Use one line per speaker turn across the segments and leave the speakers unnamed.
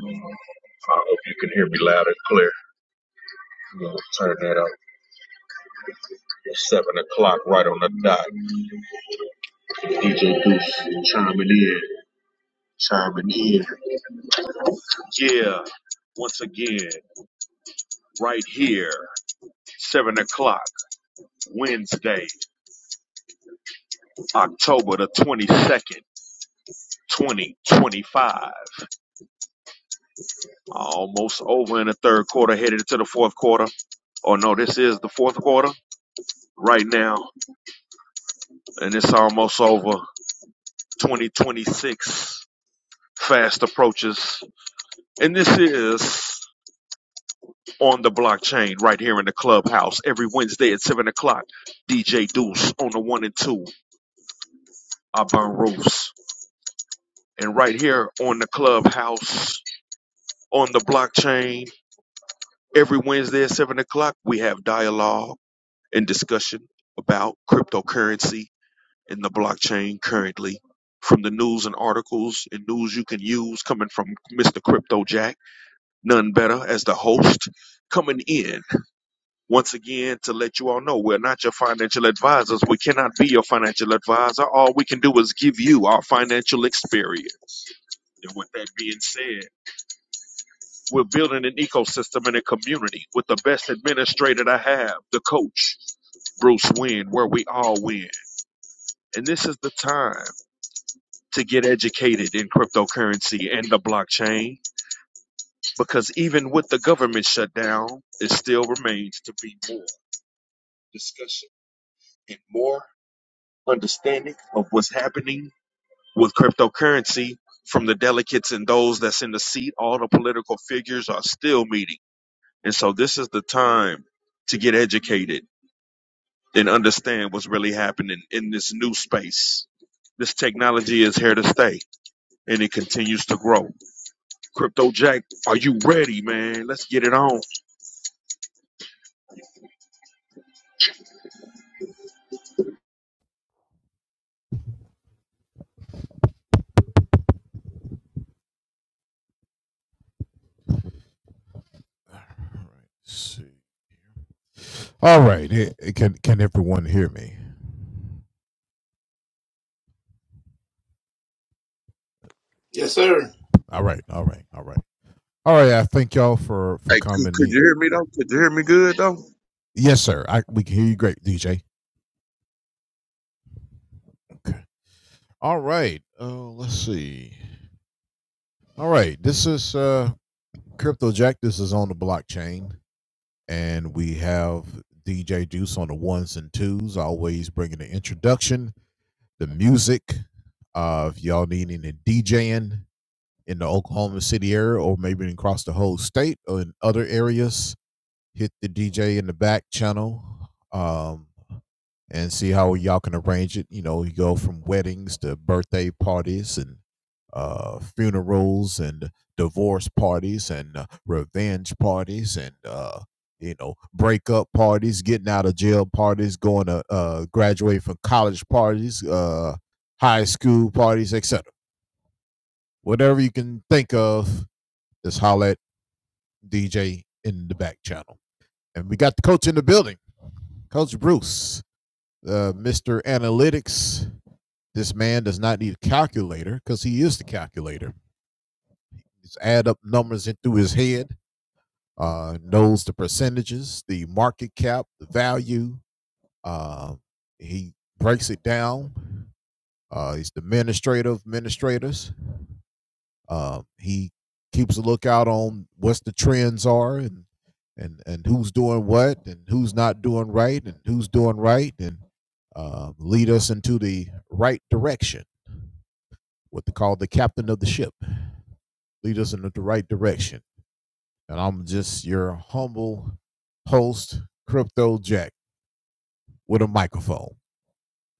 I hope you can hear me loud and clear. We're gonna turn that up. It's seven o'clock right on the dot. DJ Deuce chiming in, chiming in. Yeah, once again, right here, seven o'clock, Wednesday, October the twenty-second. 2025 almost over in the third quarter headed into the fourth quarter oh no this is the fourth quarter right now and it's almost over 2026 fast approaches And this is on the blockchain right here in the clubhouse every Wednesday at 7 o'clock. DJ Deuce on the one and two. I burn roofs. And right here on the clubhouse on the blockchain every Wednesday at 7 o'clock, we have dialogue and discussion about cryptocurrency and the blockchain currently. From the news and articles and news you can use coming from Mr. Crypto Jack, none better as the host coming in once again to let you all know we're not your financial advisors. We cannot be your financial advisor. All we can do is give you our financial experience. And with that being said, we're building an ecosystem and a community with the best administrator to have, the coach, Bruce Wynn, where we all win. And this is the time to get educated in cryptocurrency and the blockchain because even with the government shutdown, it still remains to be more discussion and more understanding of what's happening with cryptocurrency from the delegates and those that's in the seat. All the political figures are still meeting. And so this is the time to get educated and understand what's really happening in this new space. This technology is here to stay and it continues to grow. Crypto Jack, are you ready, man? Let's get it on.
All right. See. All right. It, it- can can everyone hear me?
Yes, sir.
All right. All right. All right. All right. I thank y'all for for
Hey, c-
coming
could you
in.
hear me though? Could you hear me good though?
Yes, sir. I we can hear you great, DJ. Okay. All right. Oh, Uh, let's see. All right. This is uh Crypto Jack. This is on the blockchain, and we have DJ Juice on the ones and twos, always bringing the introduction, the music. Uh, if y'all need any DJing, in the Oklahoma City area or maybe across the whole state or in other areas, hit the DJ in the back channel um, and see how y'all can arrange it. You know, you go from weddings to birthday parties and uh, funerals and divorce parties and uh, revenge parties and, uh, you know, breakup parties, getting out of jail parties, going to uh, graduate from college parties, uh, high school parties, etc. Whatever you can think of, just holler at DJ in the back channel. And we got the coach in the building, Coach Bruce, uh, Mr. Analytics. This man does not need a calculator because he is the calculator. Just add up numbers into his head, uh, knows the percentages, the market cap, the value. Uh, he breaks it down. Uh, he's the administrator of administrators Uh, he keeps a lookout on what's the trends are and and and who's doing what and who's not doing right and who's doing right and uh, lead us into the right direction. What they call the captain of the ship, lead us into the right direction. And I'm just your humble host, Crypto Jack, with a microphone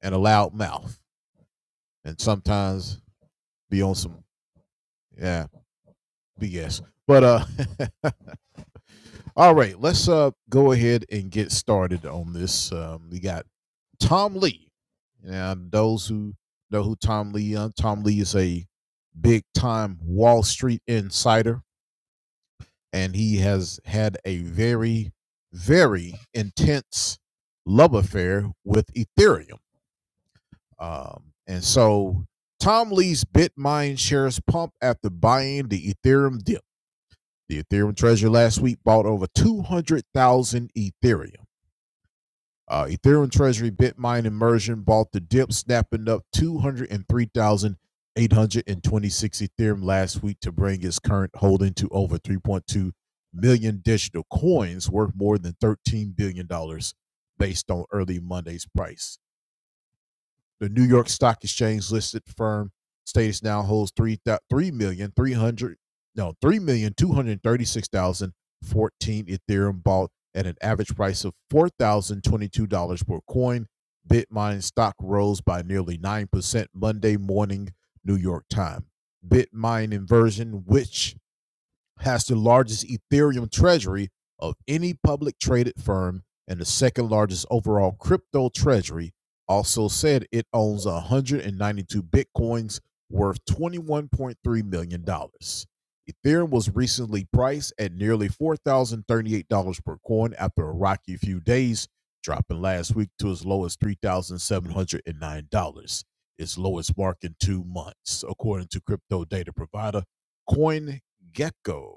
and a loud mouth, and sometimes be on some yeah BS. But uh, All right, let's uh go ahead and get started on this. Um, we got Tom Lee. Now, those who know who Tom Lee, uh, Tom Lee is a big time Wall Street insider, and he has had a very, very intense love affair with Ethereum. Um, and so Tom Lee's Bitmine shares pump after buying the Ethereum dip. The Ethereum treasury last week bought over 200,000 Ethereum. Uh, Ethereum Treasury, Bitmine, and Mersion bought the dip, snapping up 203,826 Ethereum last week to bring its current holding to over 3.2 million digital coins worth more than $13 billion dollars based on early Monday's price. The New York Stock Exchange listed firm status now holds three three million three hundred no three million two hundred thirty six thousand fourteen Ethereum bought at an average price of four thousand twenty two dollars per coin. Bitmain stock rose by nearly nine percent Monday morning New York time. Bitmain inversion, which has the largest Ethereum treasury of any public traded firm and the second largest overall crypto treasury, also said it owns 192 bitcoins worth $21.3 million. dollars. Ethereum was recently priced at nearly $4,038 per coin after a rocky few days, dropping last week to as low as $3,709, its lowest mark in two months, according to crypto data provider Coin. Gecko.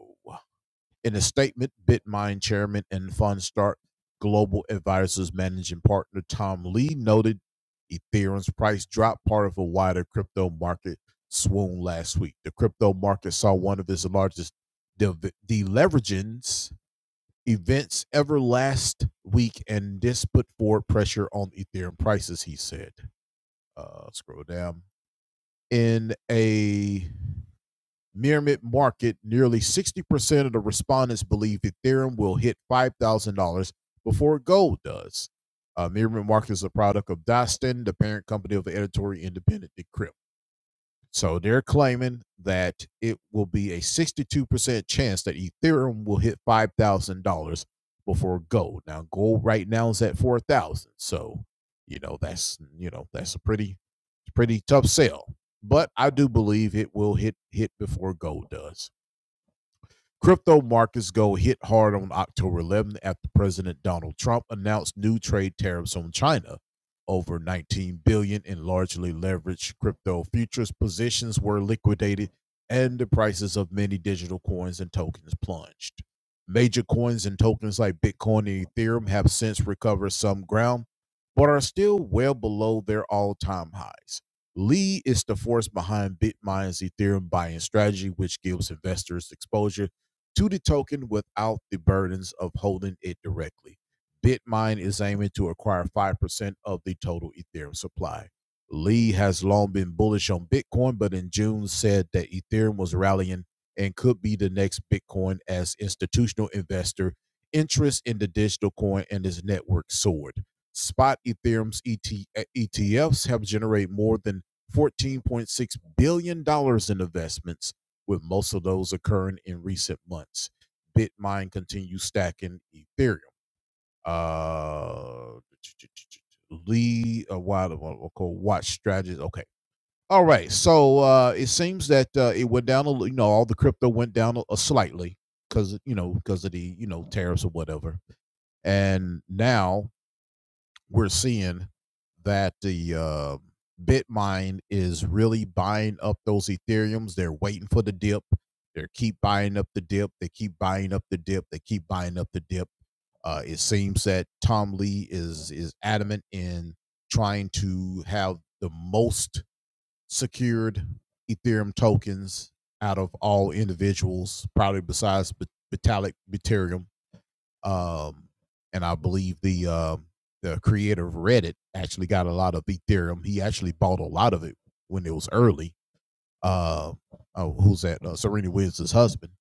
In a statement, Bitmine chairman and FunStart Global Advisors managing partner Tom Lee noted Ethereum's price dropped part of a wider crypto market swoon last week. The crypto market saw one of its largest deleveraging events ever last week, and this put forward pressure on Ethereum prices, he said. Uh, scroll down. In a Myriad market, nearly 60% of the respondents believe Ethereum will hit $5,000 before gold does. Uh, Myriad Market is a product of Dostin, the parent company of the editorial independent Decrypt. So they're claiming that it will be a 62% chance that Ethereum will hit $5,000 before gold. Now gold right now is at 4,000. dollars So, you know, that's, you know, that's a pretty pretty tough sell. But I do believe it will hit hit before gold does. Crypto markets go hit hard on October 11 after President Donald Trump announced new trade tariffs on China. Over 19 billion dollars in largely leveraged crypto futures positions were liquidated and the prices of many digital coins and tokens plunged. Major coins and tokens like Bitcoin and Ethereum have since recovered some ground, but are still well below their all time highs. Lee is the force behind BitMine's Ethereum buying strategy, which gives investors exposure to the token without the burdens of holding it directly. Bitmain is aiming to acquire 5% of the total Ethereum supply. Lee has long been bullish on Bitcoin, but in June said that Ethereum was rallying and could be the next Bitcoin as institutional investor interest in the digital coin and its network soared. Spot Ethereum's ET- ETFs have generated more than $14.6 billion dollars in investments with most of those occurring in recent months. Bitmine continues stacking Ethereum. Uh, Lee, a while ago, called Watch Strategies. Okay. All right. So uh, it seems that uh, it went down, a, you know, all the crypto went down a, a slightly because, you know, because of the, you know, tariffs or whatever. And now we're seeing that the uh, Bitmine is really buying up those Ethereums. They're waiting for the dip. They keep buying up the dip. They keep buying up the dip. They keep buying up the dip. Uh, it seems that Tom Lee is is adamant in trying to have the most secured Ethereum tokens out of all individuals, probably besides Vit- Vitalik Ethereum um, and I believe the um, the creator of Reddit actually got a lot of Ethereum. He actually bought a lot of it when it was early. Uh, oh, who's that? Uh, Serena Williams' husband.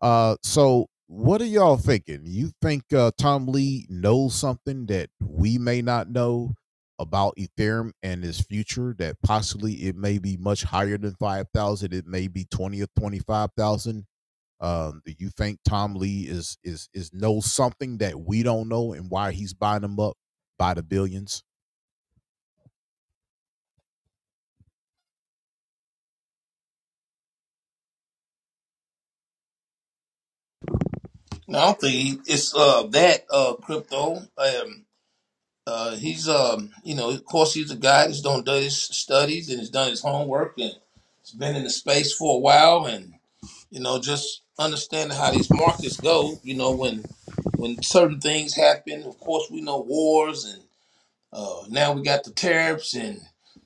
Uh, so what are y'all thinking? You think uh, Tom Lee knows something that we may not know about Ethereum and its future? That possibly it may be much higher than five thousand. It may be twenty or twenty five thousand. Um, do you think Tom Lee is is is knows something that we don't know and why he's buying them up by the billions?
No, I don't think he, it's uh, that uh, crypto. Um, uh, he's um, you know, of course, he's a guy that's done done his studies and has done his homework and has been in the space for a while, and you know, just understanding how these markets go. You know, when when certain things happen, of course, we know wars, and uh, now we got the tariffs and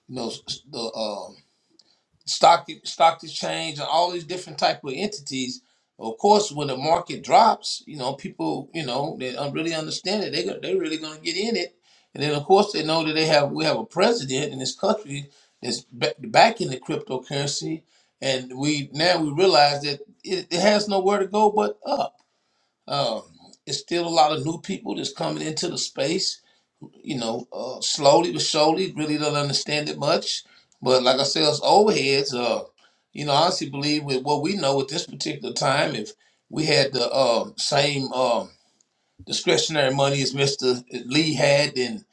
you know s- the um stock stock exchange and all these different type of entities of course when the market drops you know people you know they don't really understand it they go- they really going to get in it and then of course they know that they have we have a president in this country that's ba- backing the cryptocurrency and we now we realize that it, it has nowhere to go but up um it's still a lot of new people that's coming into the space you know, uh, slowly but surely, really don't understand it much. But like I said, us old heads, uh, you know, I honestly believe with what we know at this particular time, if we had the um, same um, discretionary money as Mr. Lee had, then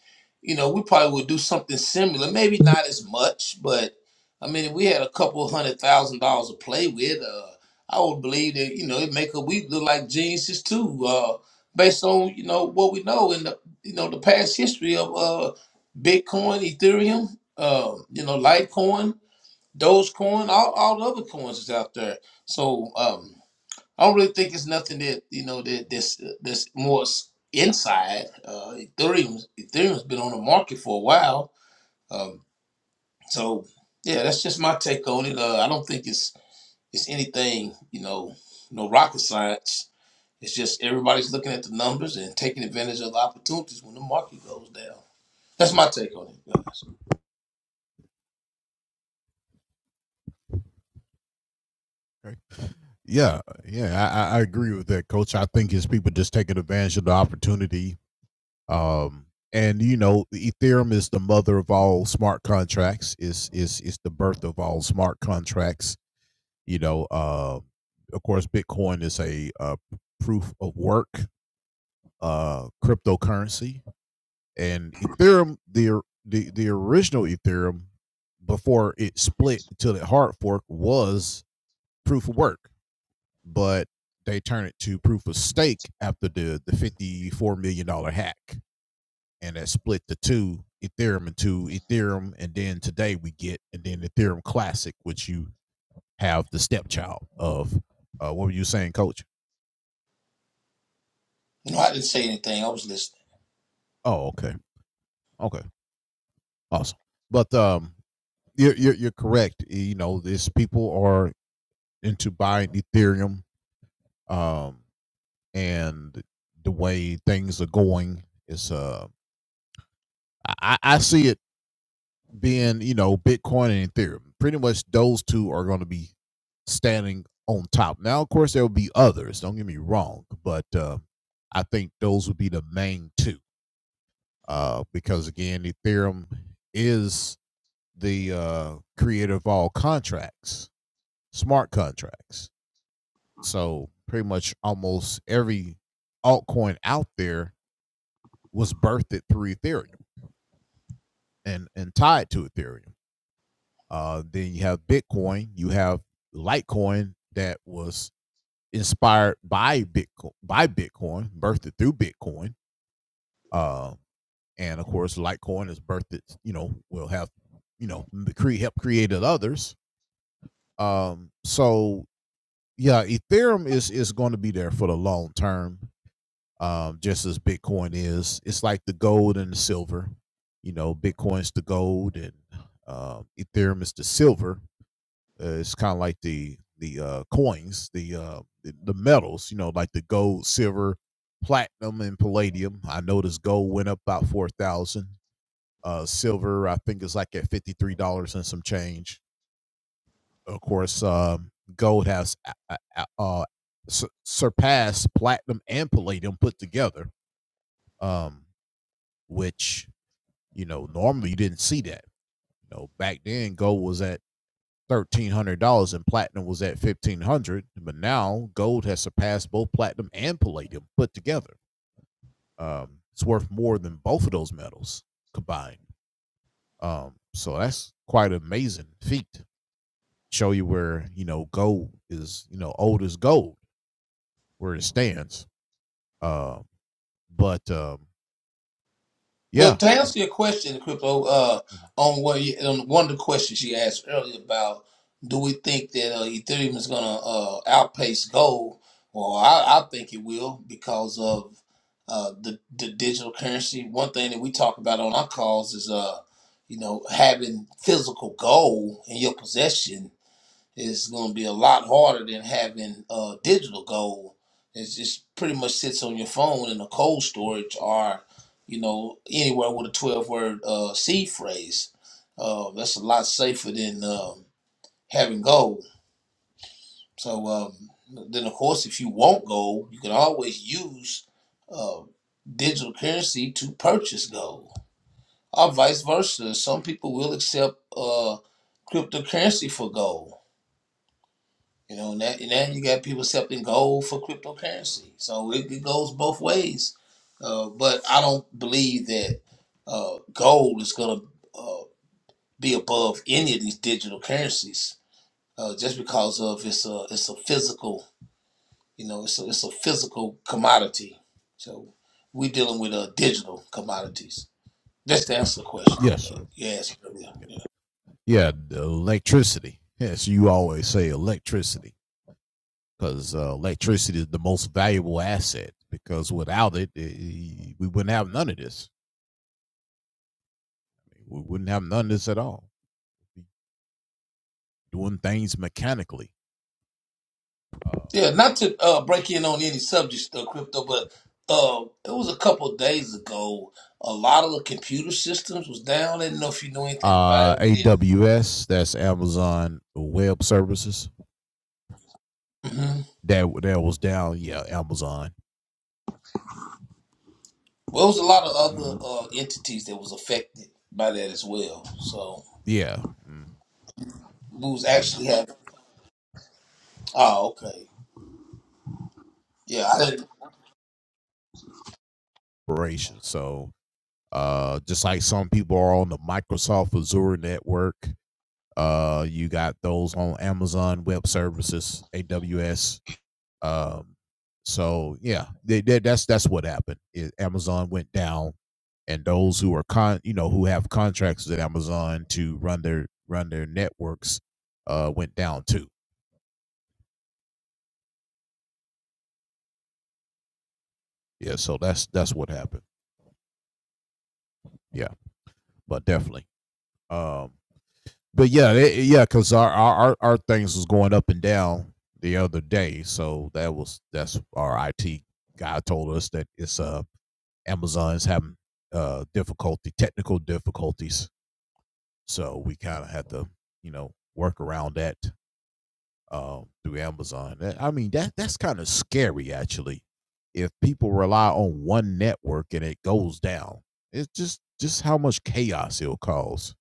you know we probably would do something similar. Maybe not as much, but I mean, if we had a couple hundred thousand dollars to play with, uh, I would believe that you know it make a we look like geniuses too, uh, based on you know what we know in the you know the past history of uh, Bitcoin, Ethereum, uh, you know Litecoin, Dogecoin, all all the other coins is out there. So. Um, I don't really think it's nothing that you know that this this more s- inside. Uh, Ethereum Ethereum's been on the market for a while, um, so yeah, that's just my take on it. Uh, I don't think it's it's anything you know no rocket science. It's just everybody's looking at the numbers and taking advantage of the opportunities when the market goes down. That's my take on it, guys.
Okay. Yeah, yeah, I, I I agree with that, Coach. I think his people just taking advantage of the opportunity Um, and you know, Ethereum is the mother of all smart contracts. Is is is the birth of all smart contracts. You know, uh, of course, Bitcoin is a uh, proof of work uh, cryptocurrency, and Ethereum the the the original Ethereum before it split till it hard fork was proof of work, but they turned it to proof of stake after the the fifty four million dollar hack and that split the two Ethereum into Ethereum, and then today we get and then Ethereum Classic, which you have the stepchild of. Uh, what were you saying, Coach?
You know, I didn't say anything. I was listening.
Oh, okay, okay, awesome. But um, you're you're, you're correct. You know, this people are into buying Ethereum, um, and the way things are going is uh, I, I I see it being you know Bitcoin and Ethereum. Pretty much those two are going to be standing on top. Now, of course, there will be others. Don't get me wrong, but uh, I think those would be the main two uh, because again, Ethereum is the uh, creator of all contracts, smart contracts. So pretty much almost every altcoin out there was birthed through Ethereum and and tied to Ethereum. Uh, then you have Bitcoin, you have Litecoin that was inspired by Bitcoin, by Bitcoin, birthed through Bitcoin. Uh, and of course, Litecoin is birthed, you know, will have, you know, create help created others. Um, so yeah, Ethereum is is going to be there for the long term, um, just as Bitcoin is. It's like the gold and the silver. You know, Bitcoin's the gold and um, Ethereum is the silver Uh, it's kind of like the the uh, coins, the uh, the, the metals, you know, like the gold, silver, platinum, and palladium. I noticed gold went up about four thousand. Uh, silver, I think, is like at fifty three dollars and some change. Of course, um, gold has uh, uh, uh, su- surpassed platinum and palladium put together, um, which you know normally you didn't see that. You know, back then gold was at thirteen hundred dollars and platinum was at fifteen hundred, dollars, but now gold has surpassed both platinum and palladium put together. Um, it's worth more than both of those metals combined. Um, so that's quite an amazing feat. Show you where you know gold is, you know, old as gold, where it stands. Um, but um,
Well,
yeah,
to answer your question, Crypto, uh, on what you, on one of the questions you asked earlier about, do we think that uh, Ethereum is going to uh, outpace gold? Well, I, I think it will because of uh, the the digital currency. One thing that we talk about on our calls is, uh, you know, having physical gold in your possession is going to be a lot harder than having uh, digital gold. It just pretty much sits on your phone in a cold storage or, you know, anywhere with a 12 word uh, seed phrase. Uh, that's a lot safer than um, having gold. So um, then, of course, if you want gold, you can always use uh, digital currency to purchase gold or vice versa. Some people will accept uh, cryptocurrency for gold You know, and now you got people accepting gold for cryptocurrency. So it, it goes both ways. Uh, but I don't believe that uh, gold is going to uh, be above any of these digital currencies uh, just because of it's a it's a physical you know it's a, it's a physical commodity. So we dealing with uh, digital commodities. That's the answer to the question
yes,
that you asked earlier.
yeah, yeah, the electricity. Yes, you always say electricity. because uh, electricity is the most valuable asset. Because without it, eh, eh, we wouldn't have none of this. We wouldn't have none of this at all. We'd be Doing things mechanically.
Yeah,
Uh,
not to uh, break in on any subjects, though, crypto, but uh, it was a couple of days ago. A lot of the computer systems was down. I didn't know if you knew anything about
uh,
it. We didn't.
AWS, that's Amazon Web Services.
hmm
That that was down. Yeah, Amazon.
Well, it was a lot of other uh, entities that was affected by that as well. So
Yeah, mm,
we was actually having. Oh, okay. Yeah, I didn't.
operations. So uh, just like some people are on the Microsoft Azure network, uh, you got those on Amazon Web Services, AWS Um, so yeah, they, they, that's that's what happened. It, Amazon went down, and those who are con, you know, who have contracts with Amazon to run their run their networks, uh, went down too. Yeah, so that's that's what happened. Yeah, but definitely. Um, but yeah, they, yeah, because our, our our things was going up and down the other day, so that was that's our IT guy told us that it's uh Amazon's having uh difficulty technical difficulties So we kind of had to, you know, work around that um, through Amazon. That- I mean, that that's kind of scary actually. If people rely on one network and it goes down, it's just just how much chaos it'll cause.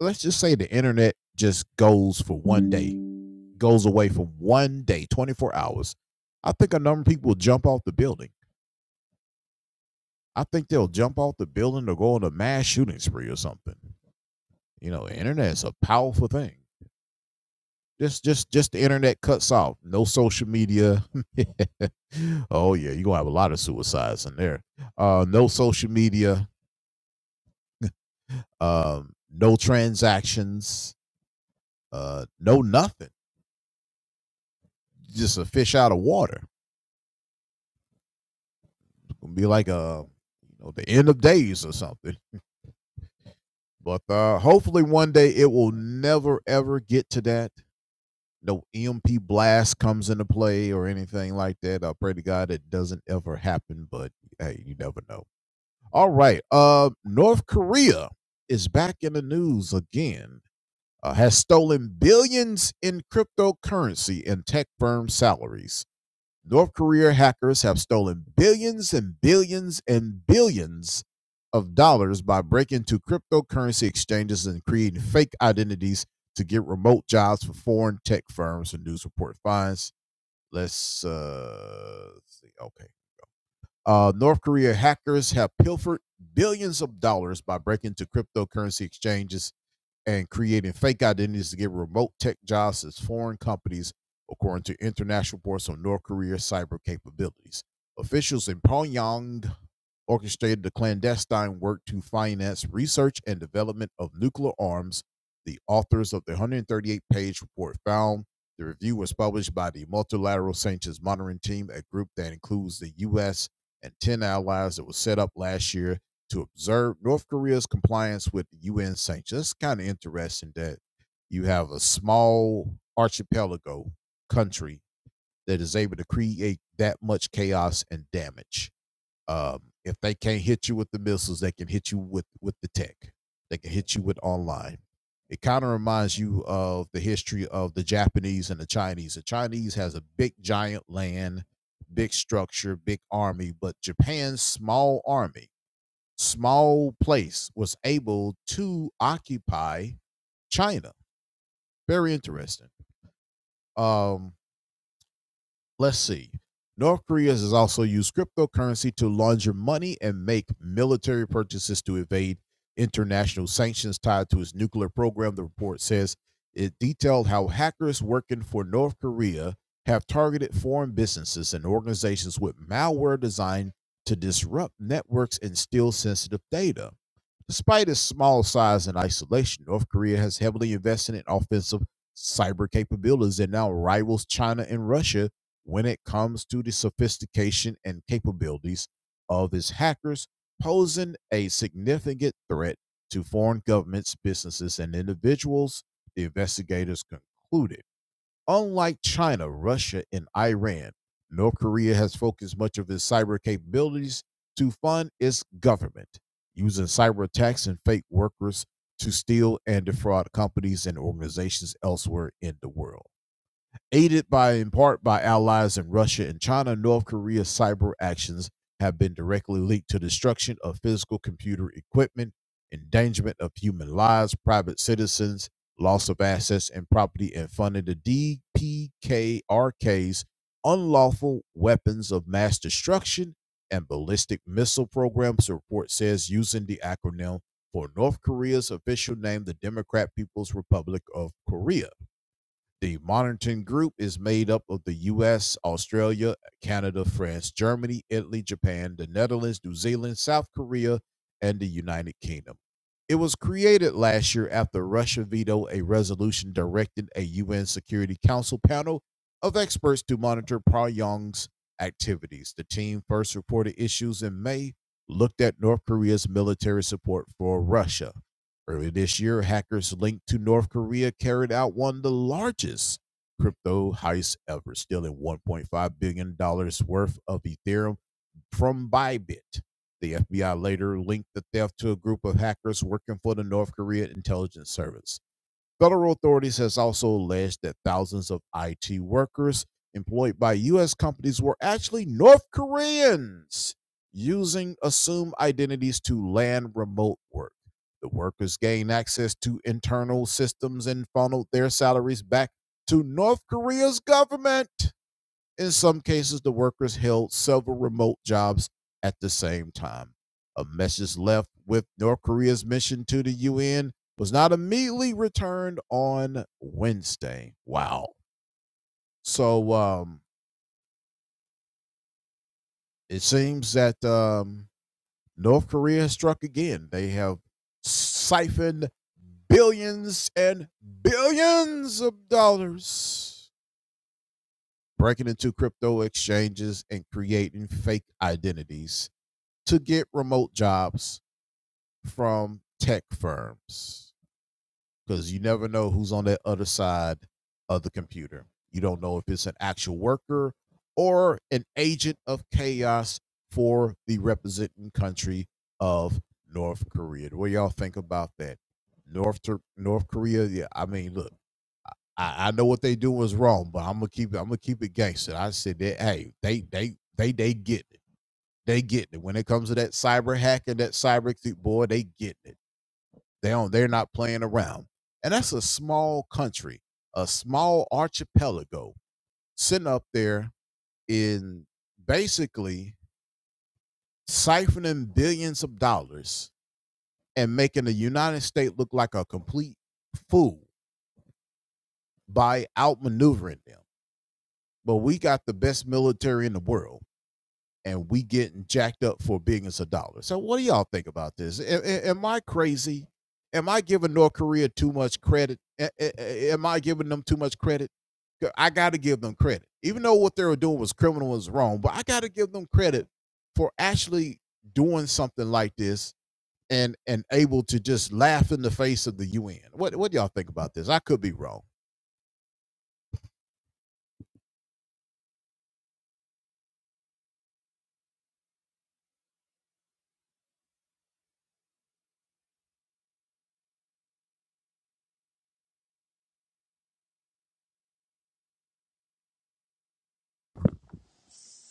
Let's just say the internet just goes for one day, goes away for one day, 24 hours. I think a number of people will jump off the building. I think they'll jump off the building or go on a mass shooting spree or something. You know, the internet is a powerful thing. Just just just the internet cuts off. No social media. oh yeah, you're gonna have a lot of suicides in there. Uh no social media, um, no transactions, uh, no nothing. Just a fish out of water. It's gonna be like a you know, the end of days or something. But uh hopefully one day it will never ever get to that no EMP blast comes into play or anything like that. I pray to God it doesn't ever happen, but hey, you never know. All right. Uh, North Korea is back in the news again. Uh, has stolen billions in cryptocurrency and tech firm salaries. North Korea hackers have stolen billions and billions and billions of dollars by breaking into cryptocurrency exchanges and creating fake identities to get remote jobs for foreign tech firms. The news report finds. Let's uh, see. Okay uh, North Korea hackers have pilfered billions of dollars by breaking into cryptocurrency exchanges and creating fake identities to get remote tech jobs as foreign companies, according to international reports on North Korea's cyber capabilities. Officials in Pyongyang orchestrated the clandestine work to finance research and development of nuclear arms. The authors of the 138 page report found the review was published by the Multilateral Sanctions Monitoring Team, a group that includes the U.S. and 10 allies that was set up last year to observe North Korea's compliance with the UN sanctions. It's kind of interesting that you have a small archipelago country that is able to create that much chaos and damage. Um, if they can't hit you with the missiles, they can hit you with with the tech. They can hit you with online. It kind of reminds you of the history of the Japanese and the Chinese. The Chinese has a big giant land, big structure, big army, but Japan's small army small place was able to occupy China. Very interesting. Um, let's see. North Korea has also used cryptocurrency to launder money and make military purchases to evade international sanctions tied to its nuclear program. The report says it detailed how hackers working for North Korea have targeted foreign businesses and organizations with malware designed to disrupt networks and steal sensitive data. Despite its small size and isolation, North Korea has heavily invested in offensive cyber capabilities that now rivals China and Russia when it comes to the sophistication and capabilities of its hackers, posing a significant threat to foreign governments, businesses, and individuals, the investigators concluded. Unlike China, Russia, and Iran, North Korea has focused much of its cyber capabilities to fund its government, using cyber attacks and fake workers to steal and defraud companies and organizations elsewhere in the world. Aided by in part by allies in Russia and China, North Korea's cyber actions have been directly linked to destruction of physical computer equipment, endangerment of human lives, private citizens, loss of assets and property, and funding the DPKRK's unlawful weapons of mass destruction and ballistic missile programs, the report says, using the acronym for North Korea's official name, the Democratic People's Republic of Korea. The monitoring group is made up of the US, Australia, Canada, France, Germany, Italy, Japan, the Netherlands, New Zealand, South Korea, and the United Kingdom. It was created last year after Russia vetoed a resolution directing a UN Security Council panel of experts to monitor Pyongyang's activities. The team first reported issues in May, looked at North Korea's military support for Russia. Earlier this year, hackers linked to North Korea carried out one of the largest crypto heists ever, stealing $1.5 billion dollars worth of Ethereum from Bybit. The FBI later linked the theft to a group of hackers working for the North Korea intelligence service. Federal authorities has also alleged that thousands of IT workers employed by U.S. companies were actually North Koreans using assumed identities to land remote work. The workers gained access to internal systems and funneled their salaries back to North Korea's government. In some cases, the workers held several remote jobs at the same time. A message left with North Korea's mission to the UN was not immediately returned on Wednesday. Wow. So um, it seems that um, North Korea has struck again. They have siphoned billions and billions of dollars, breaking into crypto exchanges and creating fake identities to get remote jobs from tech firms because you never know who's on the other side of the computer. You don't know if it's an actual worker or an agent of chaos for the representing country of North Korea. What y'all think about that? North North Korea. Yeah, I mean, look, I, I know what they do is wrong, but I'm gonna keep I'm gonna keep it gangster. I said that. Hey, they they they they get it. They get it. When it comes to that cyber hacking, that cyber th- boy, they get it. They don't, they're not playing around. And that's a small country, a small archipelago sitting up there in basically siphoning billions of dollars and making the United States look like a complete fool by outmaneuvering them. But we got the best military in the world. and we getting jacked up for billions of dollars. So what do y'all think about this? A- a- Am I crazy? Am I giving North Korea too much credit? A- a- Am I giving them too much credit? I got to give them credit, even though what they were doing was criminal and was wrong. But I got to give them credit for actually doing something like this and and able to just laugh in the face of the UN. What what do y'all think about this? I could be wrong.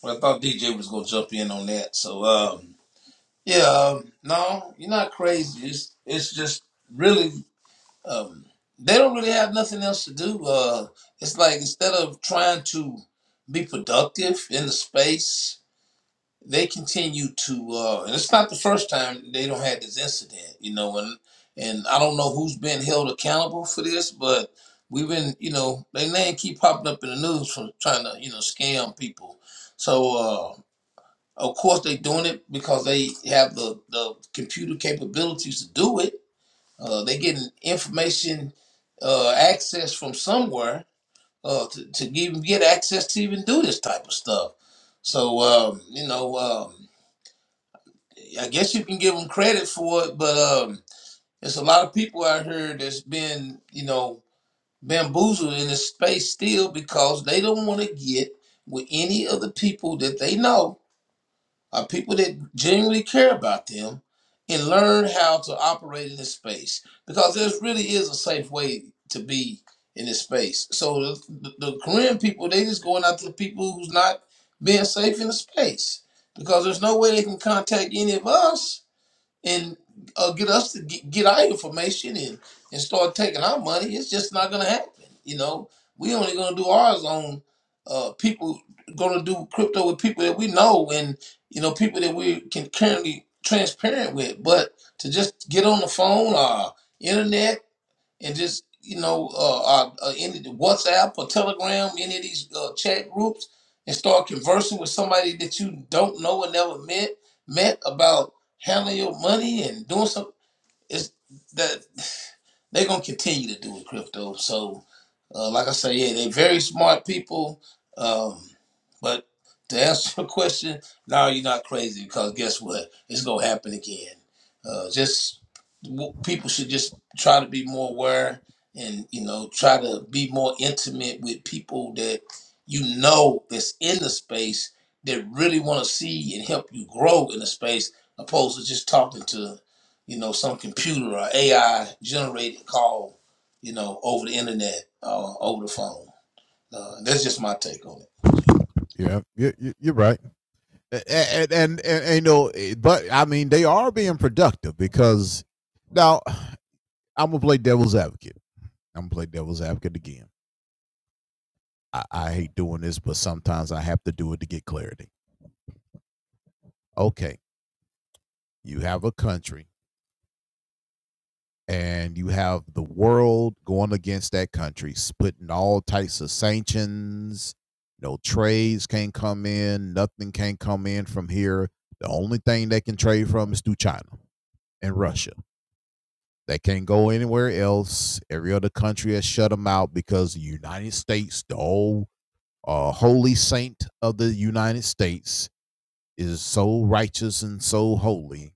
well, I thought DJ was gonna jump in on that. So, um, yeah, um, no, you're not crazy. It's it's just really um, they don't really have nothing else to do. Uh, it's like instead of trying to be productive in the space, they continue to. Uh, and it's not the first time they don't had this incident, you know. And and I don't know who's been held accountable for this, but we've been, you know, they name keep popping up in the news from trying to, you know, scam people. So. Uh, of course, they doing it because they have the, the computer capabilities to do it uh, they getting information uh, access from somewhere uh, to, to even get access to even do this type of stuff. So um, you know, um, I guess you can give them credit for it, but um, there's a lot of people out here that's been you know bamboozled in this space still because they don't want to get with any of the people that they know are people that genuinely care about them and learn how to operate in this space because this really is a safe way to be in this space. So the, the Korean people, they just going after the people who's not being safe in the space because there's no way they can contact any of us and uh, get us to get, get our information and, and start taking our money, it's just not gonna happen. You know, we only gonna do ours on uh, people gonna do crypto with people that we know and you know people that we can currently transparent with. But to just get on the phone or internet and just you know uh, uh, uh any the WhatsApp or Telegram, any of these uh, chat groups, and start conversing with somebody that you don't know and never met met about handling your money and doing some. It's that they're gonna continue to do with crypto. So, uh, like I say, yeah, they're very smart people. Um, but to answer your question, no, you're not crazy because guess what? It's gonna happen again. Uh, just w- people should just try to be more aware and you know try to be more intimate with people that you know that's in the space that really want to see and help you grow in the space opposed to just talking to you know, some computer or AI generated call, you know, over the internet or over the phone. Uh, that's just my take on it.
Yeah, you, you, you're right. and, and, and, and you know, but I mean, they are being productive because now I'm gonna play devil's advocate. I'm gonna play devil's advocate again. I, I hate doing this, but sometimes I have to do it to get clarity. Okay, you have a country and you have the world going against that country, splitting all types of sanctions. No trades can't come in, nothing can come in from here. The only thing they can trade from is through China and Russia. They can't go anywhere else. Every other country has shut them out because the United States, the old uh, holy saint of the United States, is so righteous and so holy,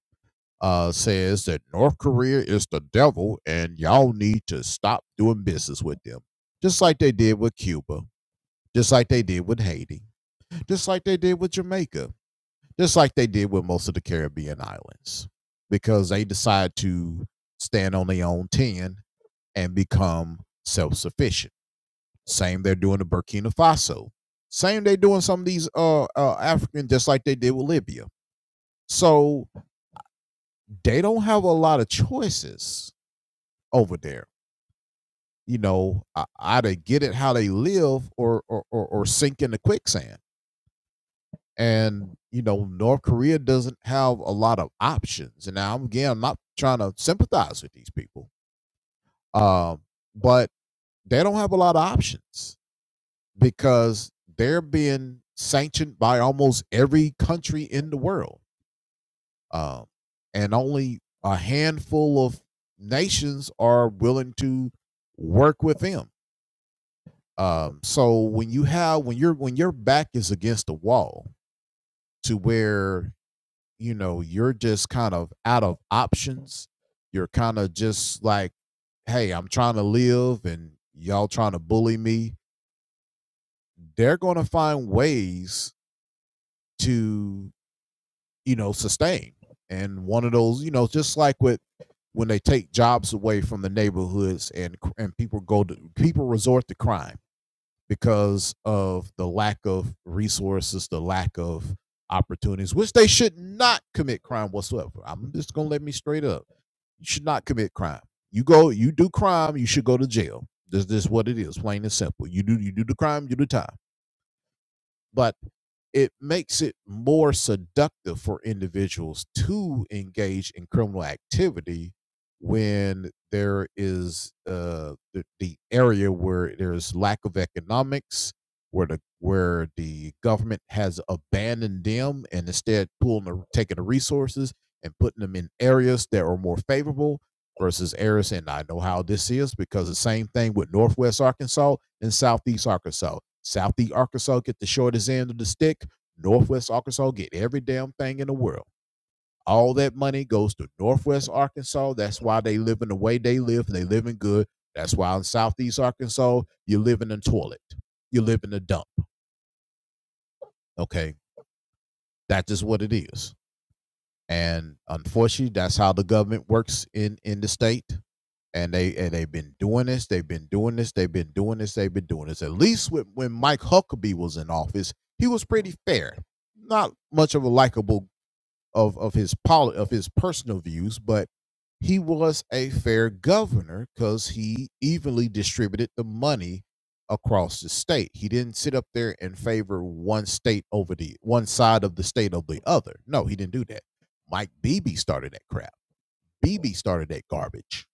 uh, says that North Korea is the devil and y'all need to stop doing business with them. Just like they did with Cuba, just like they did with Haiti, just like they did with Jamaica, just like they did with most of the Caribbean islands, because they decide to stand on their own 10 and become self sufficient. Same they're doing to Burkina Faso. Same they doing some of these uh, uh African just like they did with Libya. So they don't have a lot of choices over there. You know, either get it how they live or, or or or sink in the quicksand. And you know, North Korea doesn't have a lot of options. And now again, I'm not trying to sympathize with these people, um, but they don't have a lot of options because they're being sanctioned by almost every country in the world. Um, and only a handful of nations are willing to work with them. Um, so when you have when you're when your back is against the wall to where you know you're just kind of out of options, you're kind of just like, hey, I'm trying to live and y'all trying to bully me. They're going to find ways to you know, sustain. And one of those, you know, just like with when they take jobs away from the neighborhoods and and people go to people resort to crime because of the lack of resources, the lack of opportunities, which they should not commit crime whatsoever. I'm just gonna let me straight up. You should not commit crime. You go, you do crime, you should go to jail. This, this is what it is, plain and simple. You do, you do the crime, you do the time but it makes it more seductive for individuals to engage in criminal activity when there is uh, the, the area where there's lack of economics where the where the government has abandoned them and instead pulling the, taking the resources and putting them in areas that are more favorable versus Harris, and I know how this is because the same thing with Northwest Arkansas and Southeast Arkansas. Southeast Arkansas get the shortest end of the stick. Northwest Arkansas get every damn thing in the world. All that money goes to Northwest Arkansas. That's why they live in the way they live. They live in good. That's why in Southeast Arkansas, you live in a toilet. You live in a dump. Okay. That is what it is. And unfortunately, that's how the government works in, in the state. and they and they've been doing this, they've been doing this, they've been doing this, they've been doing this. At least when, when Mike Huckabee was in office, he was pretty fair. Not much of a likable of of his poli- of his personal views, but he was a fair governor because he evenly distributed the money across the state. He didn't sit up there and favor one state over the one side of the state over the other. No, he didn't do that. Mike Beebe started that crap. Beebe started that garbage.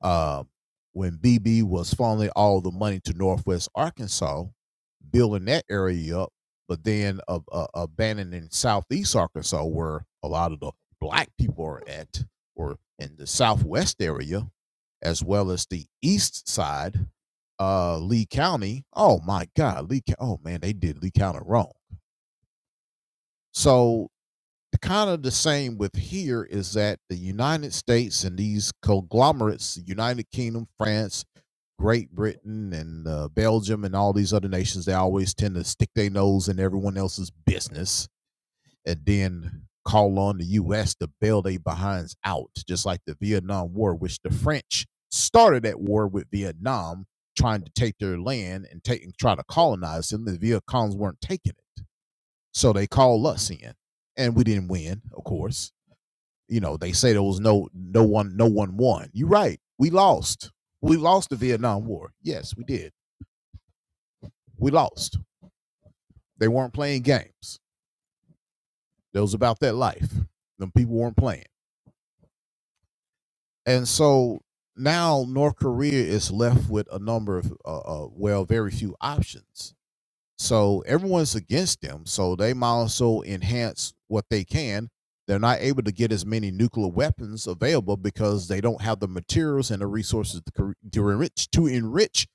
Uh, when BB was funneling all the money to Northwest Arkansas, building that area up, but then uh, uh, abandoning Southeast Arkansas, where a lot of the black people are at, or in the Southwest area, as well as the East Side, uh, Lee County. Oh my God, Lee! Co- Oh man, they did Lee County wrong. So kind of the same with here is that the United States and these conglomerates, the United Kingdom, France, Great Britain, and uh, Belgium, and all these other nations, they always tend to stick their nose in everyone else's business and then call on the U.S. to bail their behinds out, just like the Vietnam War, which the French started that war with Vietnam, trying to take their land and take and try to colonize them. The Viet Congs weren't taking it. So they call us in, and we didn't win, of course. You know, they say there was no no one no one won. You're right. We lost. We lost the Vietnam War. Yes, we did. We lost. They weren't playing games. It was about that life. Them people weren't playing. And so now North Korea is left with a number of uh, uh, well, very few options So everyone's against them. So they might also enhance what they can. They're not able to get as many nuclear weapons available because they don't have the materials and the resources to, cre- to enrich to enrich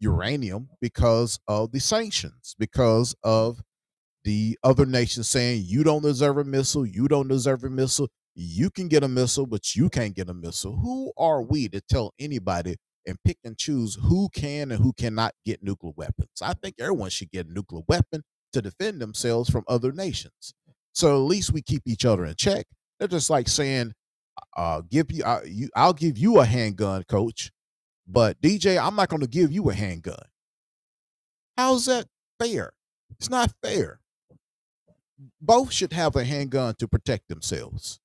uranium because of the sanctions, because of the other nation saying you don't deserve a missile, you don't deserve a missile, you can get a missile, but you can't get a missile. Who are we to tell anybody and pick and choose who can and who cannot get nuclear weapons? I think everyone should get a nuclear weapon to defend themselves from other nations. So at least we keep each other in check. They're just like saying, uh, "Give you, I, you, I'll give you a handgun, coach, but DJ, I'm not going to give you a handgun." How's that fair? It's not fair both should have a handgun to protect themselves.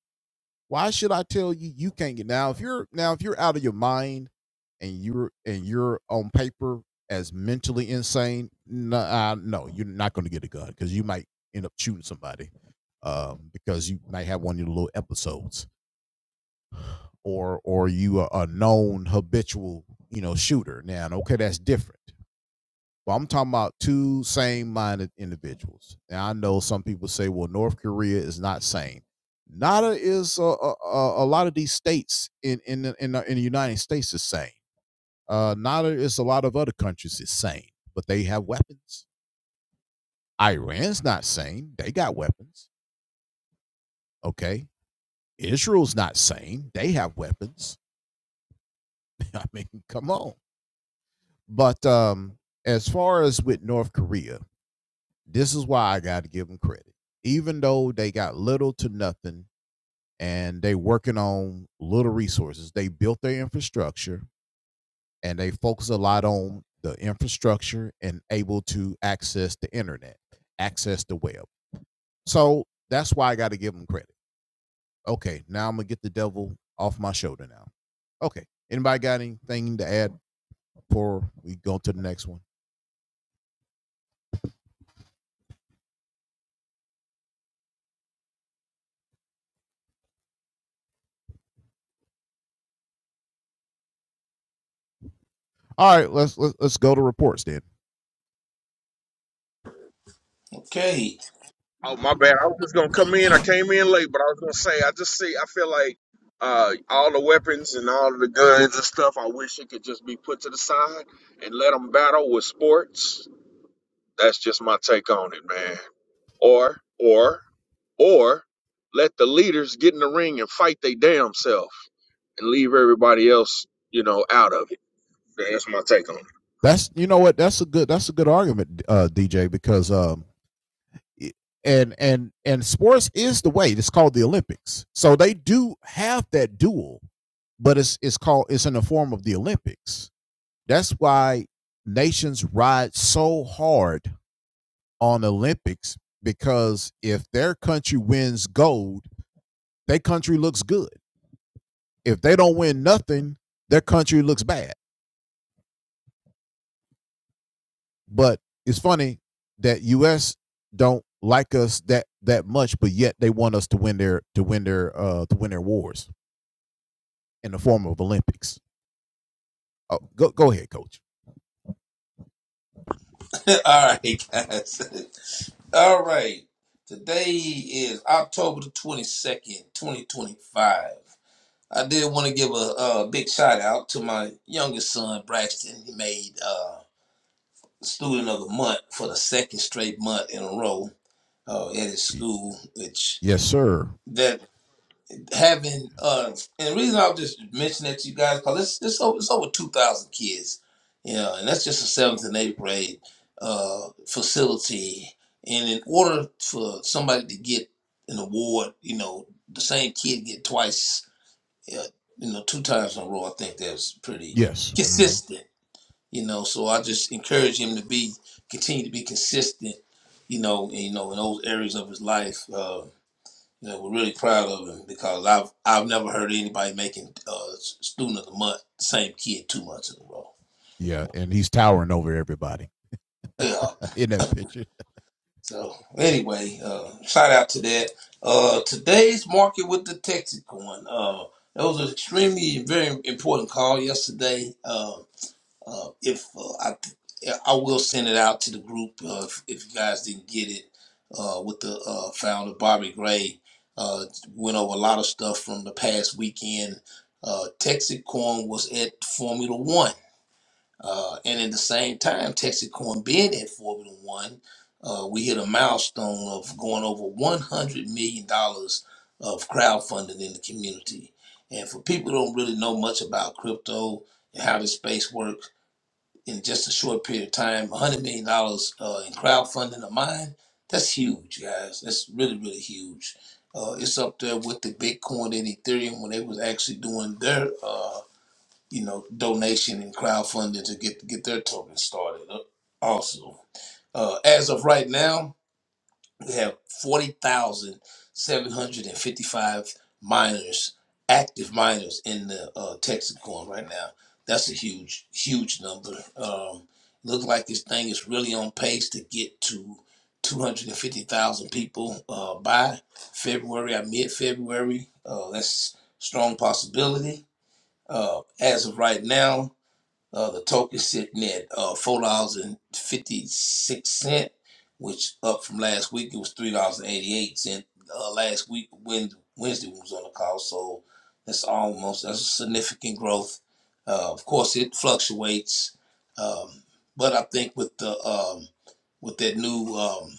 Why should I tell you you can't get now if you're now if you're out of your mind and you're and you're on paper as mentally insane, no, uh, no you're not going to get a gun because you might end up shooting somebody um, because you might have one of your little episodes or or you are a known habitual you know shooter. Now okay, that's different. But I'm talking about two sane-minded individuals. And I know some people say, "Well, North Korea is not sane." Nada is a, a, a lot of these states in in in the, in the United States is sane. Uh, Nada is a lot of other countries is sane, but they have weapons. Iran's not sane; they got weapons. Okay, Israel's not sane; they have weapons. I mean, come on. But um, as far as with North Korea, This is why I got to give them credit. Even though they got little to nothing and they working on little resources, they built their infrastructure and they focus a lot on the infrastructure and able to access the internet, access the web. So that's why I got to give them credit. Okay, now I'm gonna get the devil off my shoulder now. Okay, anybody got anything to add before we go to the next one? All right, let's let's, let's go to reports then.
Okay.
Oh my bad. I was just gonna come in. I came in late, but I was gonna say I just see. I feel like uh, all the weapons and all the guns and stuff. I wish it could just be put to the side and let them battle with sports. That's just my take on it, man. Or or or let the leaders get in the ring and fight they damn self and leave everybody else, you know, out of it. That's my take on it.
That's you know what that's a good that's a good argument, uh, DJ, because um, and and and sports is the way. It's called the Olympics. So they do have that duel, but it's it's called it's in the form of the Olympics. That's why nations ride so hard on Olympics because if their country wins gold, their country looks good. If they don't win nothing, their country looks bad. But it's funny that US don't like us that that much, but yet they want us to win their to win their uh to win their wars. in the form of Olympics. Oh, go go ahead, coach.
All right, guys. All right. Today is October the 22nd, 2025. I did want to give a, a big shout out to my youngest son, Braxton. He made uh, Student of the Month for the second straight month in a row uh, at his school, which
Yes, sir.
that having uh and the reason I'll just mention that to you guys because it's it's over, it's over two thousand kids, you know, and that's just a seventh and eighth grade uh facility. And in order for somebody to get an award, you know, the same kid get twice, uh, you know, two times in a row. I think that's pretty
Yes. hmm
consistent, you know. So I just encourage him to be continue to be consistent, you know, in, you know, in those areas of his life. Uh, that we're really proud of him because I've I've never heard anybody making uh, student of the month same kid two months in a row.
Yeah, and he's towering over everybody
Yeah.
in that picture.
So anyway, uh, shout out to that. Uh, today's market with the Texas one. Uh, that was an extremely very important call yesterday. Uh, Uh, if uh, I, th- I will send it out to the group uh, if, if you guys didn't get it. Uh, with the uh, founder Bobby Gray, uh, went over a lot of stuff from the past weekend. Uh, Texacorn was at Formula One, uh, and at the same time, Texacorn being at Formula One, uh, we hit a milestone of going over 100 million dollars of crowdfunding in the community. And for people who don't really know much about crypto and how this space works in just a short period of time, $100 million dollars uh, in crowdfunding of mine, that's huge, guys. That's really, really huge. Uh, it's up there with the Bitcoin and Ethereum when they was actually doing their, uh, you know, donation and crowdfunding to get get their token started. uh, Also, uh, as of right now, we have 40,755 miners, active miners in the uh, Texacoin right now. That's a huge, huge number. Um, look like this thing is really on pace to get to 250,000 people uh, by February, or mid February. Uh, that's a strong possibility. Uh, as of right now, uh, the token sitting at uh, four dollars and fifty six cent, which up from last week. It was three dollars and eighty eight cent uh, last week. When Wednesday we was on the call, so that's almost that's a significant growth. Uh, of course, it fluctuates, um, but I think with the um, with that new um,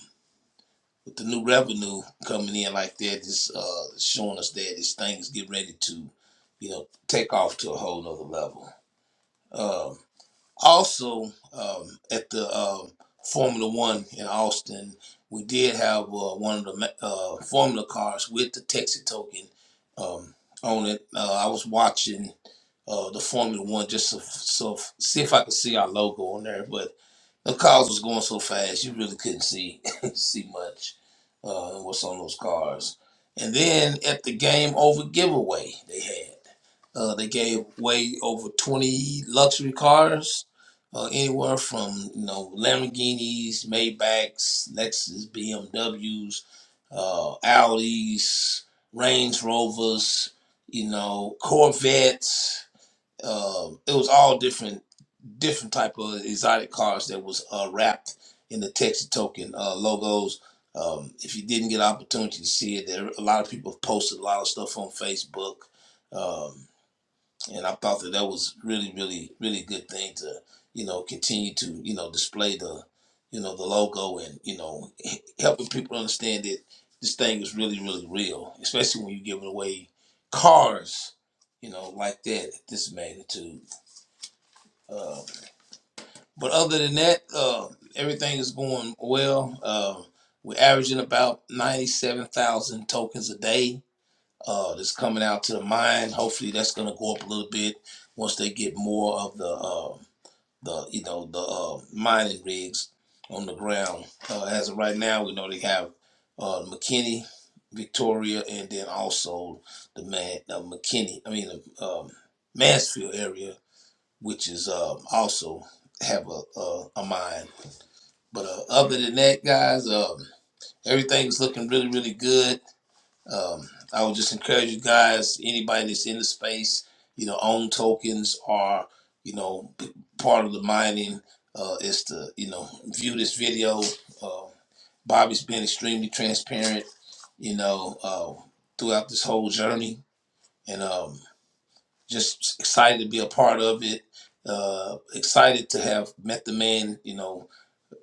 with the new revenue coming in like that, it's uh, showing us that this thing is getting ready to, you know, take off to a whole nother level. Um, also um, at the um Formula One in Austin, we did have uh, one of the ma- uh, Formula cars with the Texas token um, on it. Uh, I was watching uh, the Formula One just to, so see if I could see our logo on there, but the cars was going so fast you really couldn't see see much uh, what's on those cars. And then at the game over giveaway they had. Uh, they gave way over 20 luxury cars, uh, anywhere from you know Lamborghinis, Maybachs, Lexus, BMWs, uh, Audis, Range Rovers, you know Corvettes. Um, it was all different different type of exotic cars that was uh, wrapped in the Texas token uh, logos. Um, if you didn't get an opportunity to see it, there a lot of people have posted a lot of stuff on Facebook. Um, and I thought that that was really, really, really good thing to you know continue to you know display the you know the logo and you know h- helping people understand that this thing is really, really real, especially when you're giving away cars, you know, like that at this magnitude. Uh, but other than that, uh, everything is going well. Uh, we're averaging about ninety-seven thousand tokens a day uh, that's coming out to the mine. Hopefully, that's going to go up a little bit once they get more of the uh, the you know the uh, mining rigs on the ground. Uh, as of right now, we know they have uh, McKinney, Victoria, and then also the man uh, McKinney. I mean, um, Mansfield area, which is um, also have a a, a mine. But uh, other than that, guys, um, everything's looking really really good um, I would just encourage you guys, anybody that's in the space, you know, own tokens are, you know, p- part of the mining. Uh, is to, you know, view this video. Uh, Bobby's been extremely transparent, you know, uh, throughout this whole journey. And um, just excited to be a part of it. Uh, excited to have met the man, you know,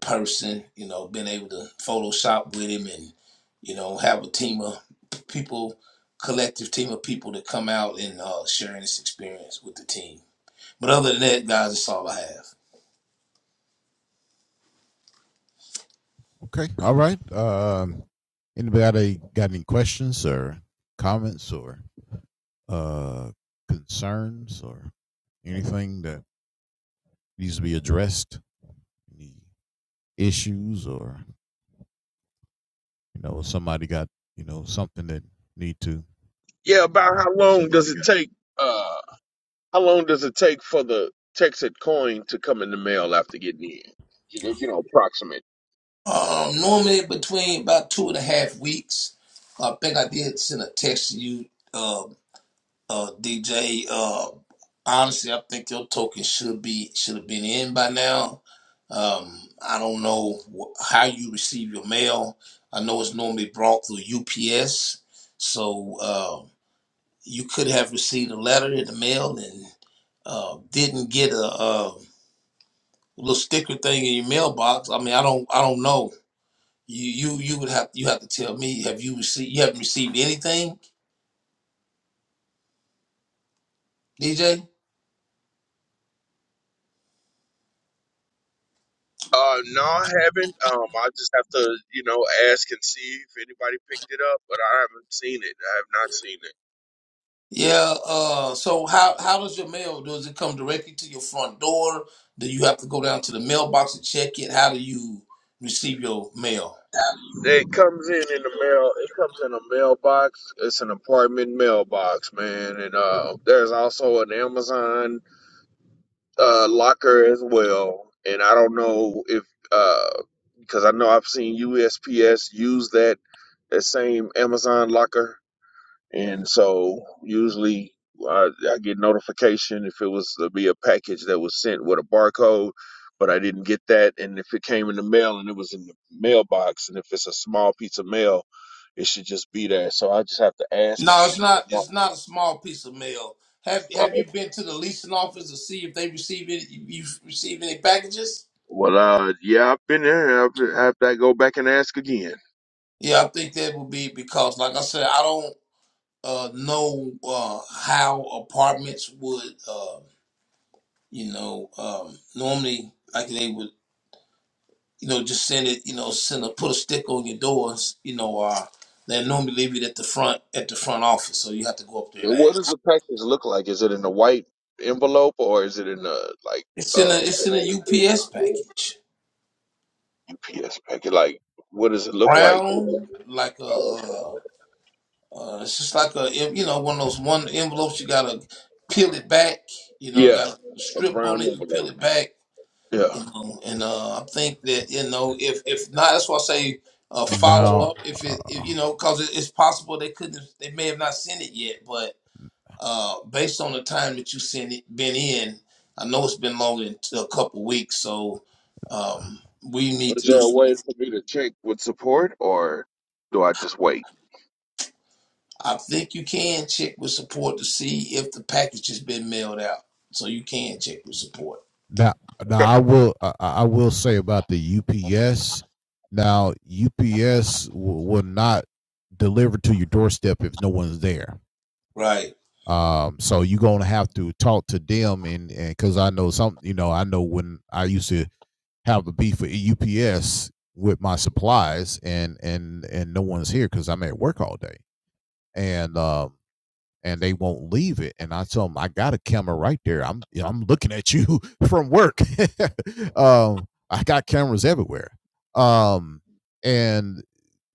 person, you know, being able to Photoshop with him and, you know, have a team of people, collective team of people to come out and uh, sharing this experience with the team. But other than that, guys, that's all I have.
Okay. All right. Um, anybody got any questions or comments or? uh, concerns or anything that needs to be addressed? Any issues or you know somebody got you know something that need to?
Yeah. About how long does it take? Uh, How long does it take for the Texas coin to come in the mail after getting in? You know, you know, approximate.
Um, normally between about two and a half weeks, I think I did send a text to you, uh, uh, DJ. honestly, I think your token should be should have been in by now. Um, I don't know wh- how you receive your mail. I know it's normally brought through UPS, so uh, you could have received a letter in the mail and uh, didn't get a, uh little sticker thing in your mailbox. I mean, I don't, I don't know. You, you, you would have you have to tell me. Have you received? You haven't received anything, DJ?
Uh, no, I haven't. Um, I just have to, you know, ask and see if anybody picked it up, but I haven't seen it. I have not seen it.
Yeah. Uh, so how how does your mail? Does it come directly to your front door? Do you have to go down to the mailbox and check it? How do you receive your mail?
It comes in in the mail. It comes in a mailbox. It's an apartment mailbox, man. And uh, there's also an Amazon uh locker as well. And I don't know if uh, because I know I've seen USPS use that that same Amazon locker, and so usually I, I get notification if it was to be a package that was sent with a barcode, but I didn't get that, and if it came in the mail and it was in the mailbox, and if it's a small piece of mail, it should just be there. So I just have to ask and
No, it's
see.
not.
But no.
It's not a small piece of mail. Have Have
Oh,
you been to the leasing office to see if they receive it? You receive any packages?
Well, uh, yeah, I've been there. I've, I have to go back and ask again.
Yeah, I think that would be because, like I said, I don't uh, know uh, how apartments would, uh, you know, um, normally like they would. you know, just send it, you know, send a put a stick on your doors, you know, uh they normally leave it at the front at the front office, so you have to go up there
Yeah,
and
what does
ask.
the package look like? Is it in a white envelope or is it in a like?
It's
uh,
in a it's in a UPS package.
Yes, Becky. Like, what does it look like?
Brown, like a
Uh,
uh, uh it's just like a em- you know, one of those one envelopes you gotta peel it back, you know, you
yeah,
got a
a
strip on
brown
it, you peel
envelope.
it back,
Yeah.
you know, and uh I think that, you know, if if not that's why I say uh, follow
Now,
up if it, if, you
uh,
know, because it, it's possible they couldn't, they may have not sent it yet, but Uh, based on the time that you've been in, I know it's been longer than a couple weeks, so um, we need
Is
to do
there a
some.
way for me to check with support, or do I just wait?
I think you can check with support to see if the package has been mailed out. So you can check with support.
Now, now
Okay.
I will I, I will say about the UPS. Now, UPS will not deliver to your doorstep if no one's there.
Right.
Um, so you're gonna have to talk to them, and and because I know some, you know, I know when I used to have the beef with UPS with my supplies, and and and no one's here because I'm at work all day, and um, and they won't leave it. And I tell them, I got a camera right there. I'm you know, I'm looking at you from work. um, I got cameras everywhere. Um, and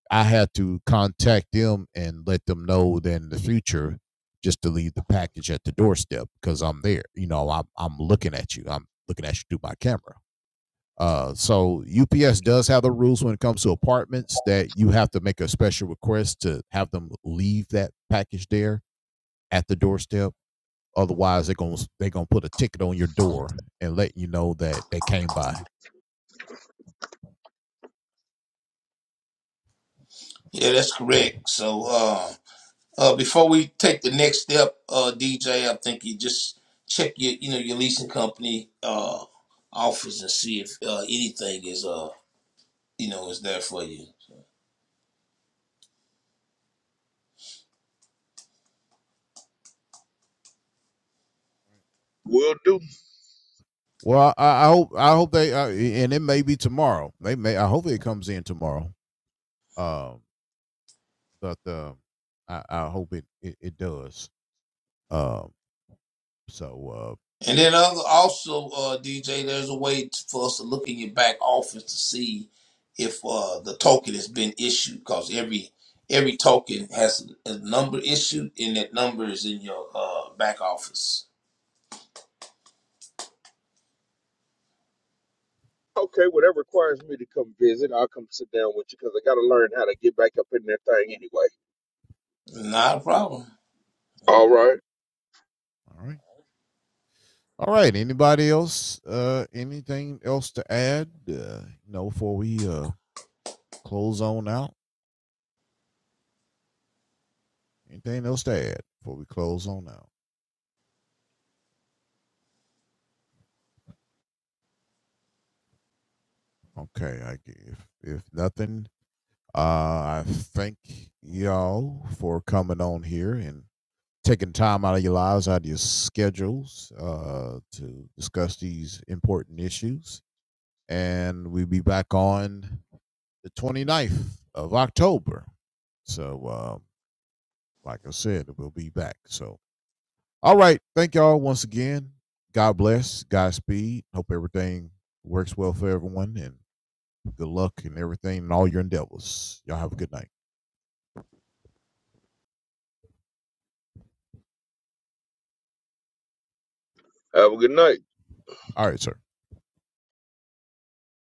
I had to contact them and let them know that in the future, just to leave the package at the doorstep because I'm there. You know, I'm I'm looking at you. I'm looking at you through my camera. Uh, so UPS does have the rules when it comes to apartments that you have to make a special request to have them leave that package there at the doorstep. Otherwise, they're gonna they're gonna put a ticket on your door and let you know that they came by.
Yeah, that's correct. So uh, uh, before we take the next step, uh, DJ, I think you just check your you know your leasing company uh, offers and see if uh, anything is uh you know is there for you.
Will do.
Well, I, I hope I hope they uh, and it may be tomorrow. They may I hope it comes in tomorrow. Um, but um, I, I hope it it, it does. Um, So uh,
And then other, also, uh, DJ, there's a way t- for us to look in your back office to see if uh, the token has been issued, because every every token has a number issued, and that number is in your uh, back office.
Okay, well, that requires me to come visit. I'll come sit down with you because I got to learn how to get back up in that thing anyway.
Not a problem.
All right.
all right, all right. Anybody else? Uh, anything else to add? Uh, you know, before we uh close on out. Anything else to add before we close on out? Okay, I if if nothing Uh, I thank y'all for coming on here and taking time out of your lives, out of your schedules, uh, to discuss these important issues. And we'll be back on the 29th of October. So, uh, like I said, we'll be back. So, all right. Thank y'all once again. God bless. Godspeed. Hope everything works well for everyone and good luck and everything and all your endeavors. Y'all have a good night. All right, sir.